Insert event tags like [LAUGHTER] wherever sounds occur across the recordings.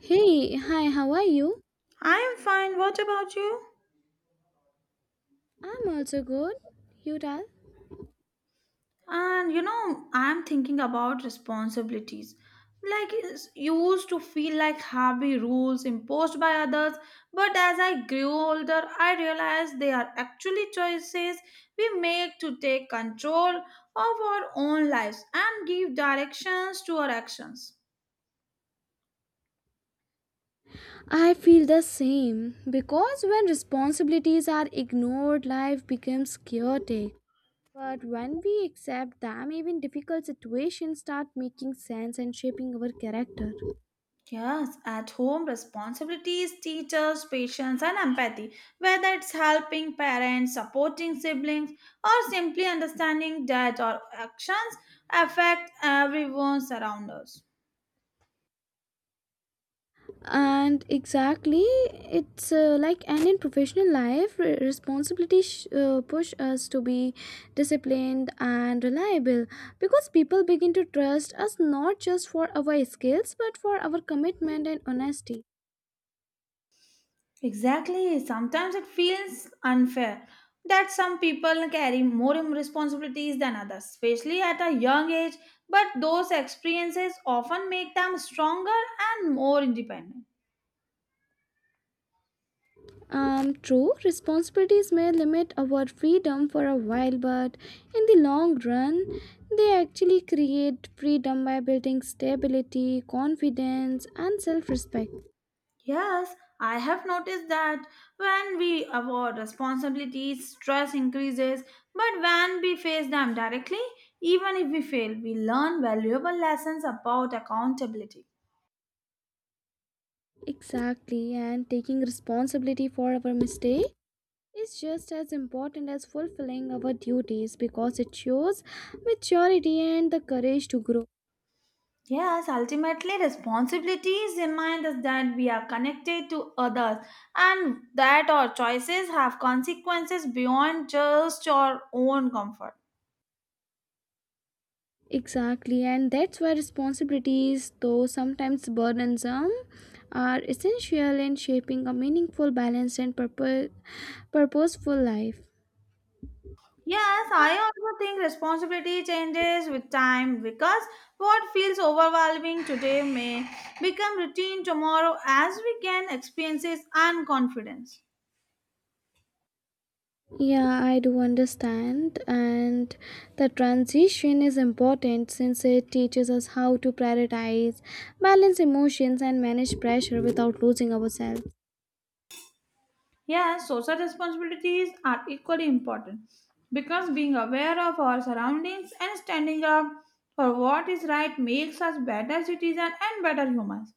Hey, hi, how are you? I am fine. What about you? I'm also good. You tell? And you know, I'm thinking about responsibilities. Like, it's used to feel like heavy rules imposed by others, but as I grew older, I realized they are actually choices we make to take control of our own lives and give directions to our actions. I feel the same because when responsibilities are ignored, life becomes chaotic. But when we accept them, even difficult situations start making sense and shaping our character. Yes, at home responsibilities, teachers, patience, and empathy, whether it's helping parents, supporting siblings, or simply understanding that our actions affect everyone around us. And exactly, it's like and in professional life responsibility push us to be disciplined and reliable because people begin to trust us not just for our skills but for our commitment and honesty. Exactly, sometimes it feels unfair that some people carry more responsibilities than others, especially at a young age, but those experiences often make them stronger and more independent. True, responsibilities may limit our freedom for a while, but in the long run they actually create freedom by building stability, confidence and self-respect. Yes, I have noticed that when we avoid responsibilities, stress increases, but when we face them directly, even if we fail, we learn valuable lessons about accountability. Exactly, and taking responsibility for our mistake is just as important as fulfilling our duties because it shows maturity and the courage to grow. Yes, ultimately, responsibilities remind us that we are connected to others and that our choices have consequences beyond just our own comfort. Exactly, and that's why responsibilities, though sometimes burdensome, are essential in shaping a meaningful, balanced, and purposeful life. Yes, I also think responsibility changes with time because what feels overwhelming today may become routine tomorrow as we gain experiences and confidence. Yeah, I do understand. And the transition is important since it teaches us how to prioritize, balance emotions, and manage pressure without losing ourselves. Yes, social responsibilities are equally important because being aware of our surroundings and standing up for what is right makes us better citizens and better humans.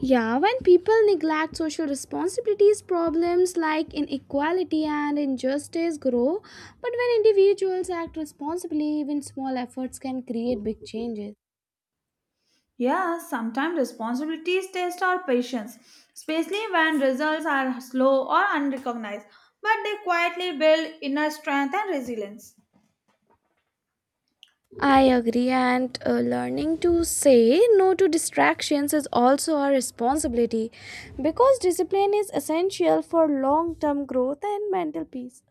Yeah, when people neglect social responsibilities, problems like inequality and injustice grow. But when individuals act responsibly, even small efforts can create big changes. Yeah, sometimes responsibilities test our patience, especially when results are slow or unrecognized, but they quietly build inner strength and resilience. I agree, and learning to say no to distractions is also our responsibility because discipline is essential for long term growth and mental peace.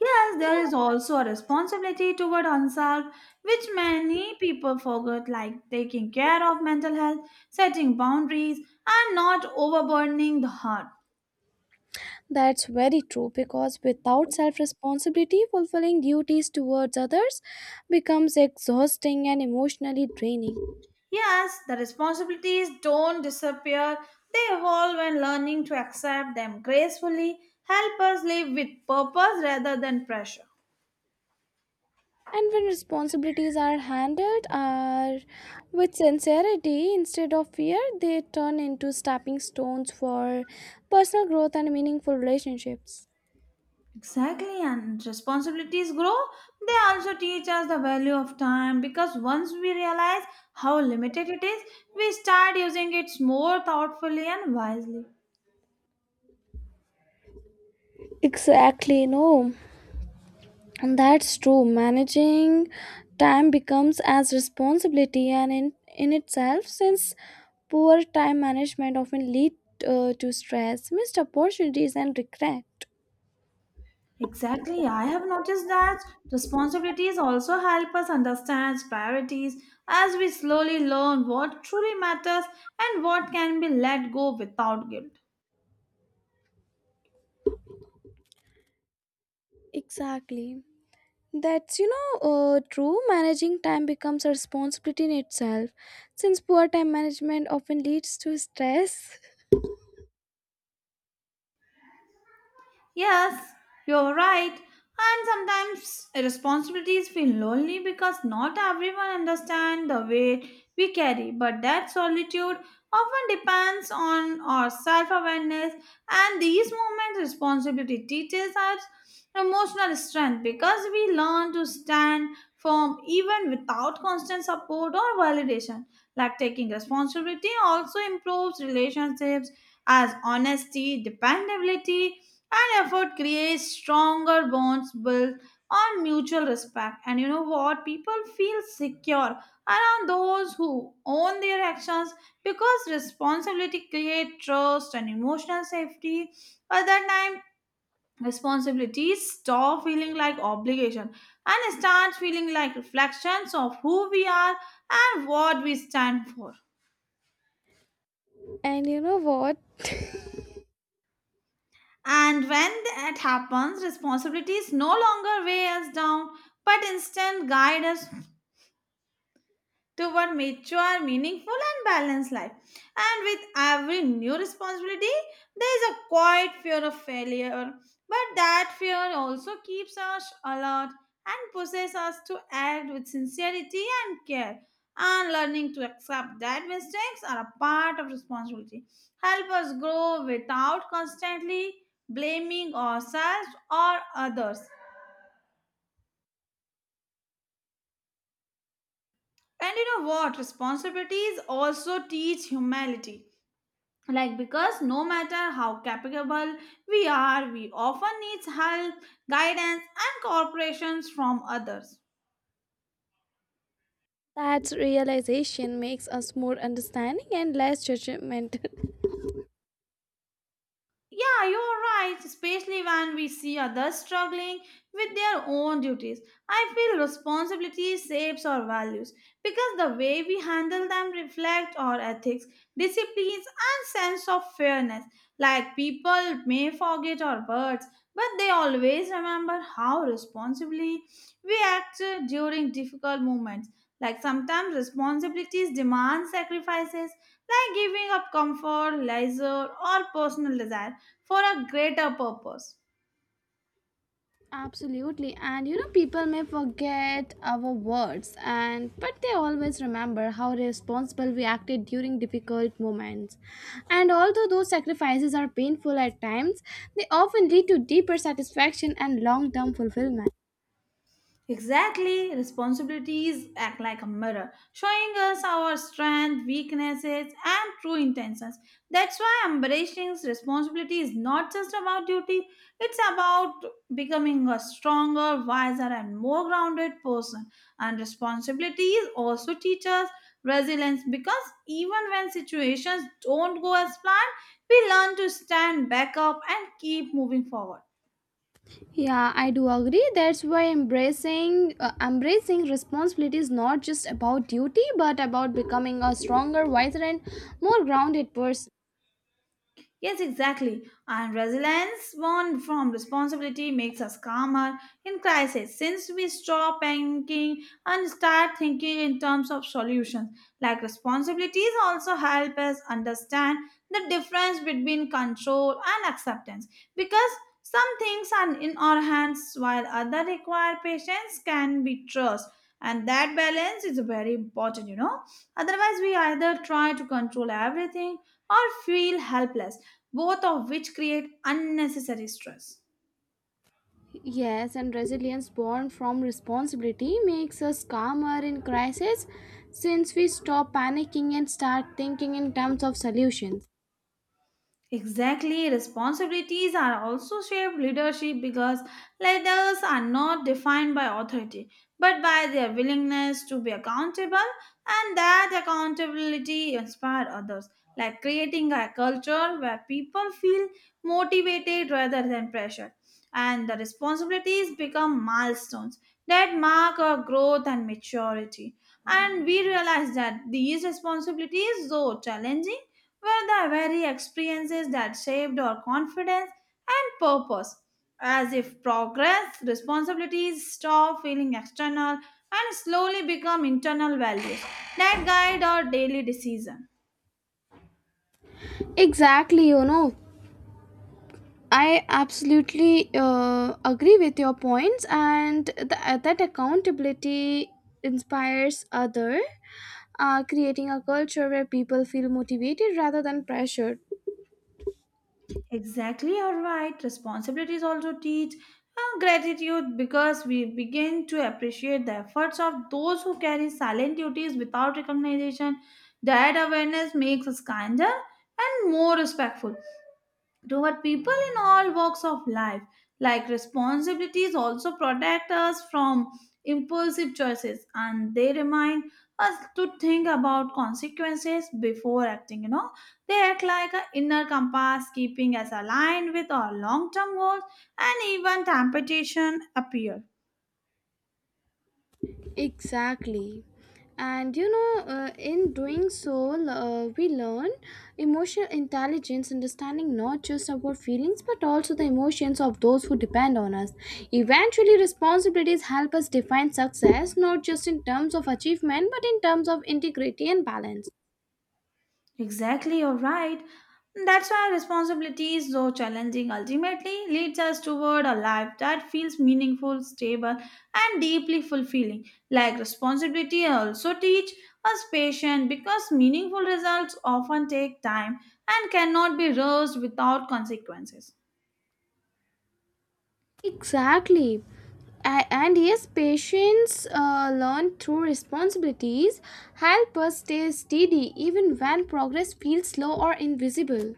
Yes, there is also a responsibility toward oneself, which many people forget, like taking care of mental health, setting boundaries, and not overburdening the heart. That's very true because without self responsibility, fulfilling duties towards others becomes exhausting and emotionally draining. Yes, the responsibilities don't disappear, they evolve and learning to accept them gracefully help us live with purpose rather than pressure. And when responsibilities are handled are with sincerity instead of fear, they turn into stepping stones for personal growth and meaningful relationships. Exactly, and responsibilities grow, they also teach us the value of time because once we realize how limited it is, we start using it more thoughtfully and wisely. Exactly, no. And that's true. Managing time becomes as responsibility and in itself, since poor time management often lead to stress, missed opportunities and regret. Exactly. I have noticed that responsibilities also help us understand priorities as we slowly learn what truly matters and what can be let go without guilt. Exactly. That's, you know, true. Managing time becomes a responsibility in itself, since poor time management often leads to stress. Yes, you're right. And sometimes responsibilities feel lonely because not everyone understands the weight we carry, but that solitude often depends on our self awareness. And these moments, responsibility teaches us emotional strength because we learn to stand firm even without constant support or validation. Like taking responsibility also improves relationships as honesty, dependability, and effort creates stronger bonds built on mutual respect. And you know what, people feel secure around those who own their actions because responsibility creates trust and emotional safety. At that time responsibilities stop feeling like obligation and start feeling like reflections of who we are and what we stand for. [LAUGHS] And you know what? [LAUGHS] And when that happens, responsibilities no longer weigh us down but instead guide us toward mature, meaningful, and balanced life. And with every new responsibility, there is a quiet fear of failure. But that fear also keeps us alert and pushes us to act with sincerity and care. And learning to accept that mistakes are a part of responsibility help us grow without constantly blaming ourselves or others. And you know what? Responsibilities also teach humility, like because no matter how capable we are, we often need help, guidance and cooperations from others. That realization makes us more understanding and less judgment. Yeah, you're right, especially when we see others struggling with their own duties. I feel responsibility shapes our values because the way we handle them reflect our ethics, disciplines, and sense of fairness. Like people may forget our words, but they always remember how responsibly we act during difficult moments. Like sometimes responsibilities demand sacrifices, like giving up comfort, leisure, or personal desire for a greater purpose. Absolutely. And you know, people may forget our words and but they always remember how responsible we acted during difficult moments. And although those sacrifices are painful at times, they often lead to deeper satisfaction and long-term fulfillment. Exactly, responsibilities act like a mirror, showing us our strengths, weaknesses, and true intentions. That's why embracing responsibility is not just about duty, it's about becoming a stronger, wiser, and more grounded person. And responsibilities also teach us resilience because even when situations don't go as planned, we learn to stand back up and keep moving forward. Yeah, I do agree. That's why embracing responsibility is not just about duty but about becoming a stronger, wiser and more grounded person. Yes, exactly. And resilience born from responsibility makes us calmer in crisis since we stop panicking and start thinking in terms of solutions. Like responsibilities also help us understand the difference between control and acceptance because some things are in our hands while other require patience can be trust, and that balance is very important, you know. Otherwise we either try to control everything or feel helpless, both of which create unnecessary stress. Yes, and resilience born from responsibility makes us calmer in crisis since we stop panicking and start thinking in terms of solutions. Exactly, responsibilities are also shaped leadership because leaders are not defined by authority but by their willingness to be accountable, and that accountability inspire others, like creating a culture where people feel motivated rather than pressured, and the responsibilities become milestones that mark our growth and maturity. And we realize that these responsibilities, though challenging, were the very experiences that shaped our confidence and purpose. As if progress, responsibilities stop feeling external and slowly become internal values that guide our daily decision. Exactly, you know. I absolutely agree with your points, and that accountability inspires other, creating a culture where people feel motivated rather than pressured. Exactly, you're right. Responsibilities also teach gratitude because we begin to appreciate the efforts of those who carry silent duties without recognition. That awareness makes us kinder and more respectful toward people in all walks of life. Like responsibilities also protect us from impulsive choices and they remind us to think about consequences before acting. You know, they act like an inner compass, keeping us aligned with our long term goals and even temptation appear. Exactly. And you know, in doing so, we learn emotional intelligence, understanding not just about feelings but also the emotions of those who depend on us. Eventually, responsibilities help us define success not just in terms of achievement but in terms of integrity and balance. Exactly, you're right. That's why responsibilities, though challenging, ultimately leads us toward a life that feels meaningful, stable, and deeply fulfilling. Like responsibility also teach us patience because meaningful results often take time and cannot be rushed without consequences. Exactly. And yes, patience learned through responsibilities help us stay steady even when progress feels slow or invisible.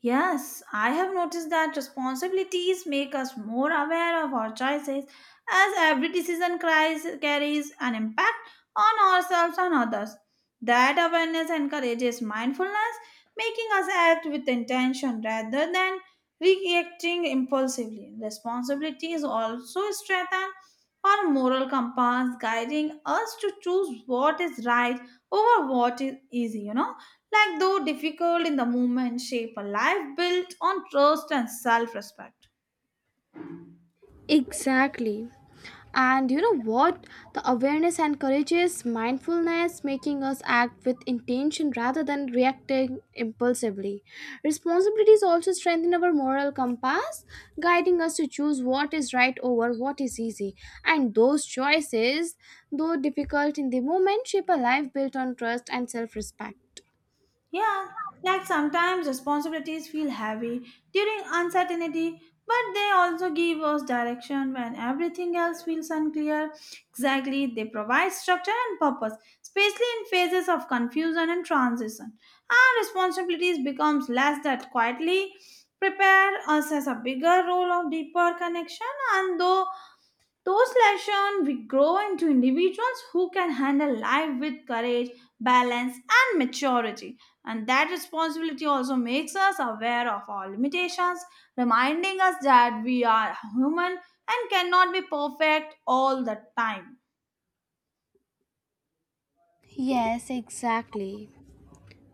Yes, I have noticed that responsibilities make us more aware of our choices as every decision cries, carries an impact on ourselves and others. That awareness encourages mindfulness, making us act with intention rather than reacting impulsively. Responsibilities also strengthen our moral compass, guiding us to choose what is right over what is easy, you know, like though difficult in the moment shape a life built on trust and self-respect. Exactly. And you know what? The awareness encourages mindfulness, making us act with intention rather than reacting impulsively. Responsibilities also strengthen our moral compass, guiding us to choose what is right over what is easy. And those choices, though difficult in the moment, shape a life built on trust and self respect. Yeah, like sometimes responsibilities feel heavy during uncertainty but they also give us direction when everything else feels unclear. Exactly, they provide structure and purpose, especially in phases of confusion and transition. Our responsibilities becomes less that quietly prepare us as a bigger role of deeper connection, and though those lessons we grow into individuals who can handle life with courage, balance, and maturity. And that responsibility also makes us aware of our limitations, reminding us that we are human and cannot be perfect all the time. Yes, exactly.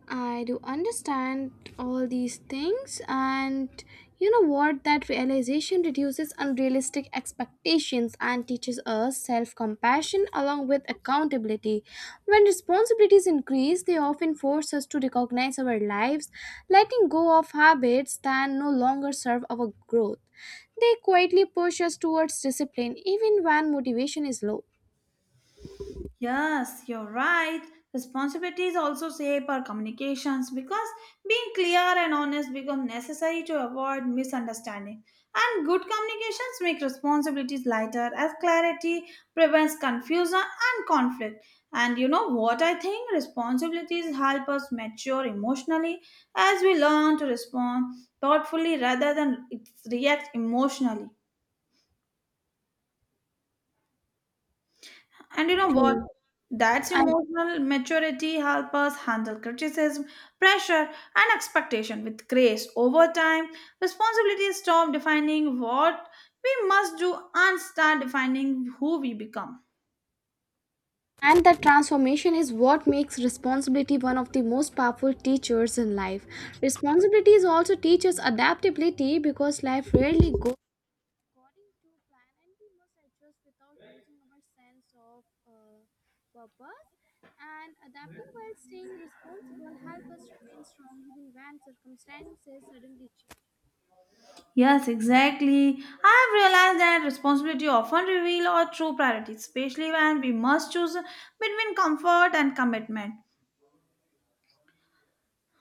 I do understand all these things, and you know what? That realization reduces unrealistic expectations and teaches us self compassion along with accountability. When responsibilities increase, they often force us to recognize our lives, letting go of habits that no longer serve our growth. They quietly push us towards discipline even when motivation is low. Yes, you're right. Responsibilities also shape our communications because being clear and honest become necessary to avoid misunderstanding. And good communications make responsibilities lighter as clarity prevents confusion and conflict. And you know what I think? Responsibilities help us mature emotionally as we learn to respond thoughtfully rather than react emotionally. And you know what? True. That's I. emotional maturity help us handle criticism, pressure, and expectation with grace. Over time, responsibility stop defining what we must do and start defining who we become. And that transformation is what makes responsibility one of the most powerful teachers in life. Responsibilities also teach us adaptability because life rarely goes according to plan and we must adjust without losing our sense of purpose. And adapting while staying responsible help us remain strong even when circumstances suddenly change. Yes, exactly. I've realized that responsibility often reveal our true priorities, especially when we must choose between comfort and commitment.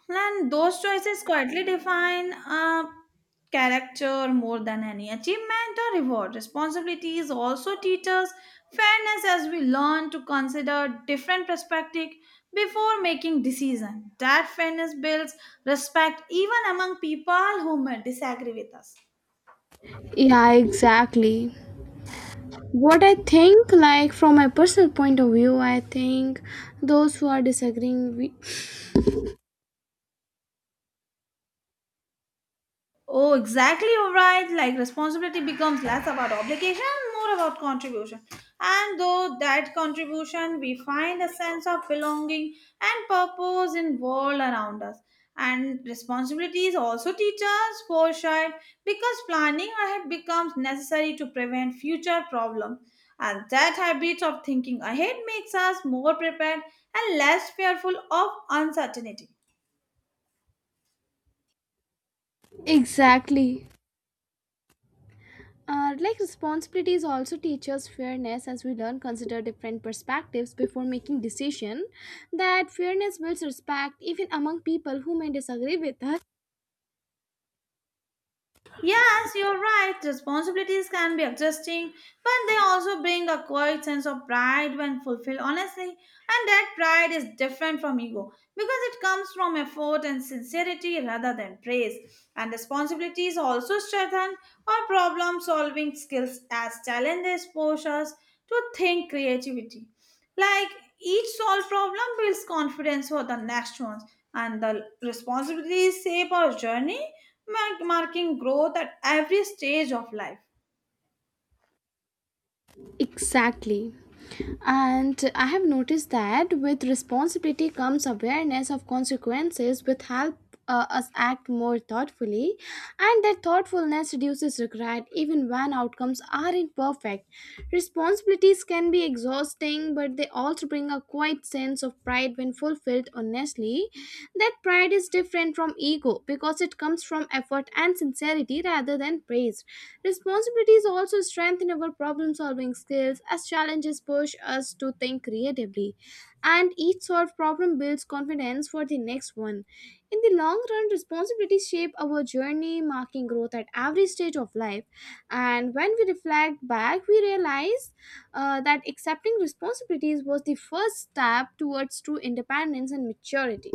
And those choices quietly define a character more than any achievement or reward. Responsibilities also teach us fairness as we learn to consider different perspectives before making decisions. That fairness builds respect even among people who may disagree with us. Yeah, exactly. What I think, like from my personal point of view, I think those who are disagreeing with. Oh, exactly, you're right. Like responsibility becomes less about obligation, more about contribution. And though that contribution, we find a sense of belonging and purpose in world around us. And responsibilities also teach us foresight because planning ahead becomes necessary to prevent future problems. And that habit of thinking ahead makes us more prepared and less fearful of uncertainty. Exactly. Like responsibilities also teach us fairness as we learn consider different perspectives before making decision, that fairness builds respect even among people who may disagree with us. Yes, you're right. Responsibilities can be adjusting, but they also bring a quiet sense of pride when fulfilled honestly, and that pride is different from ego because it comes from effort and sincerity rather than praise. And responsibilities also strengthen our problem solving skills as challenges push us to think creativity. Like each solved problem builds confidence for the next ones, and the responsibilities shape our journey, marking growth at every stage of life. Exactly, and I have noticed that with responsibility comes awareness of consequences, which help us act more thoughtfully, and that thoughtfulness reduces regret even when outcomes aren't perfect. Responsibilities can be exhausting, but they also bring a quiet sense of pride when fulfilled honestly. That pride is different from ego because it comes from effort and sincerity rather than and praised. Responsibilities also strengthen our problem solving skills as challenges push us to think creatively, and each solved problem builds confidence for the next one. In the long run, responsibilities shape our journey, marking growth at every stage of life. And when we reflect back, we realize that accepting responsibilities was the first step towards true independence and maturity.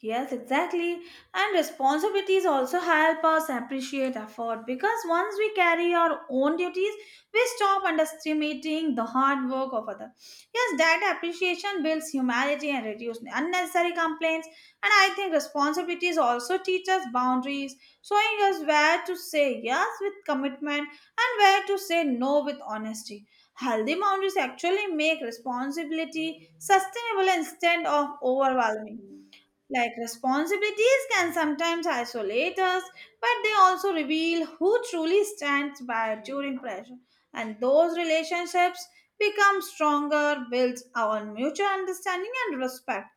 Yes, exactly. And responsibilities also help us appreciate effort because once we carry our own duties, we stop underestimating the hard work of others. Yes, that appreciation builds humanity and reduces unnecessary complaints. And I think responsibilities also teach us boundaries, showing us where to say yes with commitment and where to say no with honesty. Healthy boundaries actually make responsibility sustainable instead of overwhelming. Like responsibilities can sometimes isolate us, but they also reveal who truly stands by during pressure. And those relationships become stronger, builds our mutual understanding and respect.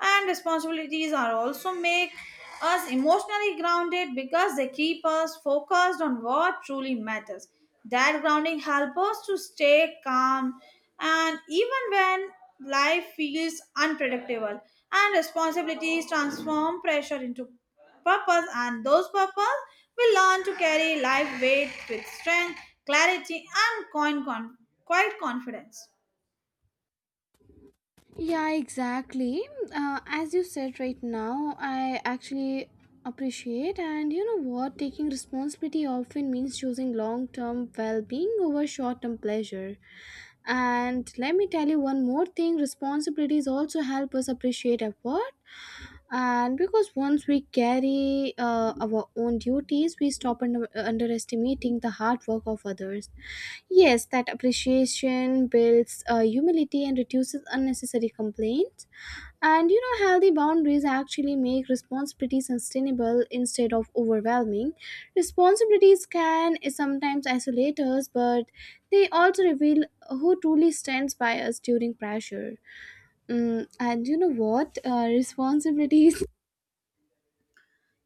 And responsibilities are also make us emotionally grounded because they keep us focused on what truly matters. That grounding helps us to stay calm and even when life feels unpredictable. And responsibilities transform pressure into purpose, and those purpose we learn to carry life weight with strength, clarity and quiet confidence. Yeah, exactly. As you said right now, I actually appreciate, and you know what, taking responsibility often means choosing long term well being over short term pleasure. And let me tell you one more thing, responsibilities also help us appreciate effort and because once we carry our own duties, we stop underestimating the hard work of others. Yes, that appreciation builds humility and reduces unnecessary complaints. And you know, healthy boundaries actually make responsibility sustainable instead of overwhelming. Responsibilities can sometimes isolate us, but they also reveal who truly stands by us during pressure. Mm, and you know what? Responsibilities.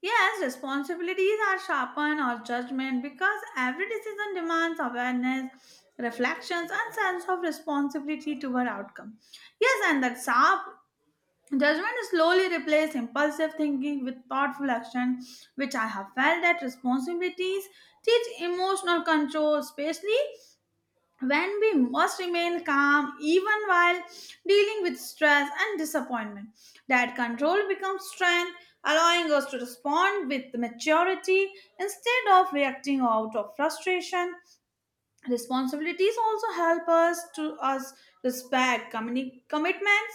Yes, responsibilities are sharpened or judgment because every decision demands awareness, reflections, and sense of responsibility toward outcome. Yes, and that sharp judgment slowly replaces impulsive thinking with thoughtful action, which I have felt that responsibilities teach emotional control, especially when we must remain calm even while dealing with stress and disappointment. That control becomes strength, allowing us to respond with maturity instead of reacting out of frustration. Responsibilities also help us to us respect commitments,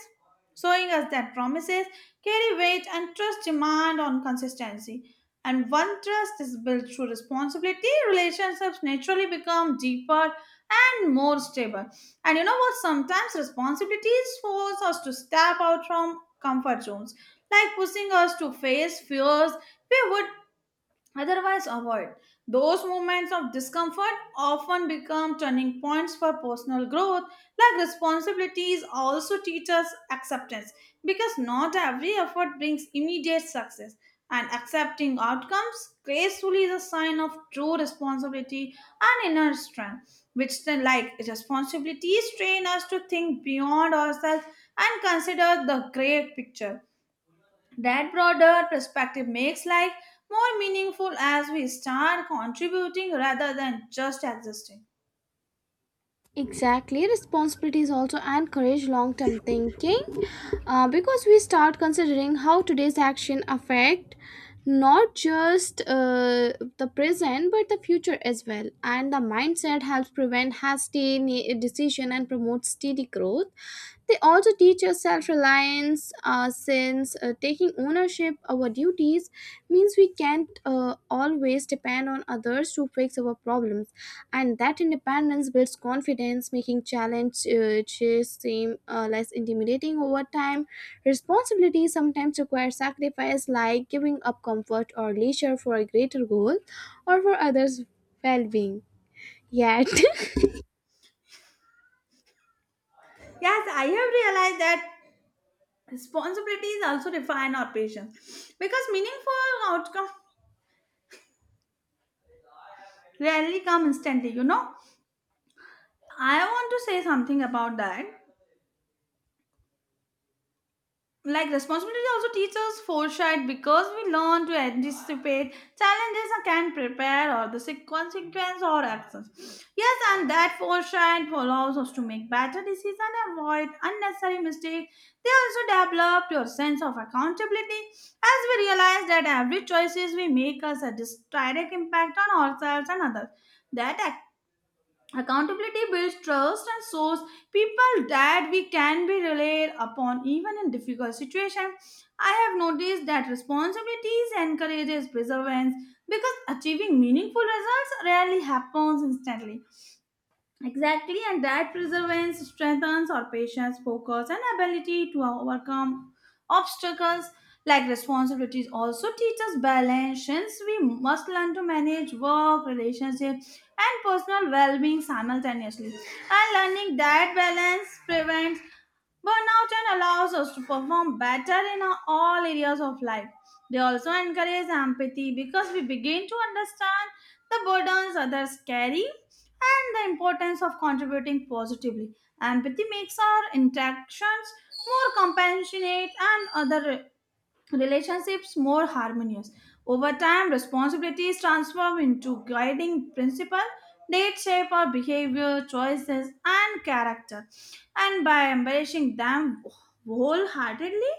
showing us that promises carry weight and trust demand on consistency. And when trust is built through responsibility, relationships naturally become deeper and more stable. And you know what, sometimes responsibilities force us to step out from comfort zones, like pushing us to face fears we would otherwise avoid. Those moments of discomfort often become turning points for personal growth, like responsibilities also teach us acceptance because not every effort brings immediate success. And accepting outcomes gracefully is a sign of true responsibility and inner strength, which, then, like responsibilities, train us to think beyond ourselves and consider the great picture. That broader perspective makes life more meaningful as we start contributing rather than just existing. Exactly, responsibilities also encourage long term thinking because we start considering how today's action affect not just the present but the future as well, and the mindset helps prevent hasty decision and promotes steady growth. They also teach us self-reliance since taking ownership our duties means we can't always depend on others to fix our problems, and that independence builds confidence, making challenges seem less intimidating over time. Responsibility sometimes requires sacrifice, like giving up comfort or leisure for a greater goal, or for others well-being, yet [LAUGHS] Yes, I have realized that responsibilities also refine our patience because meaningful outcomes rarely come instantly, you know. I want to say something about that. Like responsibility also teaches foresight because we learn to anticipate challenges and can prepare or consequence or actions. Yes, and that foresight allows us to make better decisions and avoid unnecessary mistakes. They also develop your sense of accountability as we realize that every choices we make has a direct impact on ourselves and others. That accountability builds trust and shows people that we can be relied upon even in difficult situations. I have noticed that responsibilities encourages perseverance because achieving meaningful results rarely happens instantly. Exactly, and that perseverance strengthens our patience, focus, and ability to overcome obstacles like responsibilities. Also, teach us balance since we must learn to manage work, relationships, and personal well being simultaneously. And learning that balance prevents burnout and allows us to perform better in all areas of life. They also encourage empathy because we begin to understand the burdens others carry and the importance of contributing positively. Empathy makes our interactions more compassionate and other relationships more harmonious. Over time, responsibilities transform into guiding principle that shape our behavior, choices, and character. And by embracing them wholeheartedly,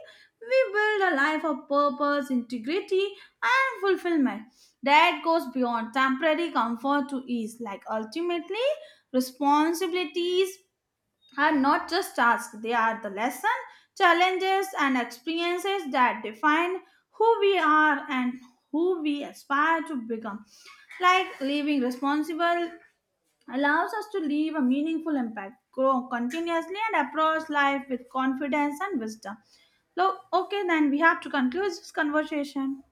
we build a life of purpose, integrity, and fulfillment that goes beyond temporary comfort to ease. Like ultimately, responsibilities are not just tasks, they are the lessons, challenges, and experiences that define who we are and who we aspire to become. Like living responsible allows us to leave a meaningful impact, grow continuously, and approach life with confidence and wisdom. Look, okay, then we have to conclude this conversation.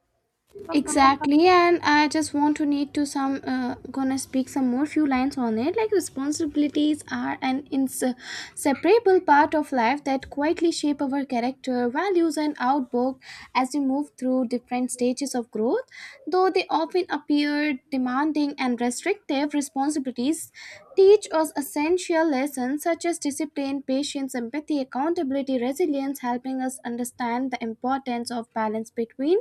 Bye bye. exactly, and I just want to need to some gonna speak some more few lines on it. Like responsibilities are an inseparable part of life that quietly shape our character, values, and outlook as we move through different stages of growth. Though they often appear demanding and restrictive, responsibilities teach us essential lessons such as discipline, patience, empathy, accountability, resilience, helping us understand the importance of balance between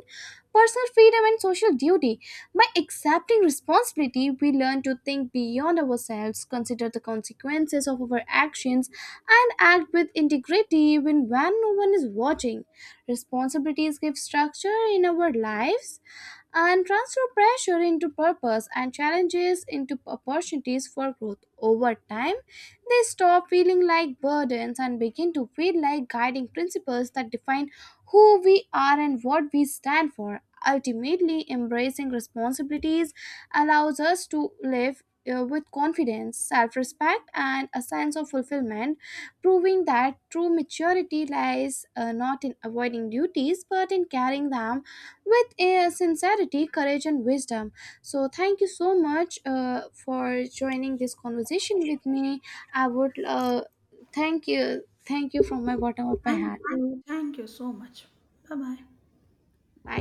personal freedom and social duty. By accepting responsibility, we learn to think beyond ourselves, consider the consequences of our actions, and act with integrity even when no one is watching. Responsibilities give structure in our lives and transfer pressure into purpose and challenges into opportunities for growth. Over time, they stop feeling like burdens and begin to feel like guiding principles that define who we are and what we stand for. Ultimately, embracing responsibilities allows us to live with confidence, self respect, and a sense of fulfillment, proving that true maturity lies not in avoiding duties but in carrying them with sincerity, courage, and wisdom. So, thank you so much for joining this conversation with me. I would thank you from my bottom of my Thank heart. you. Thank you so much. Bye bye. Bye.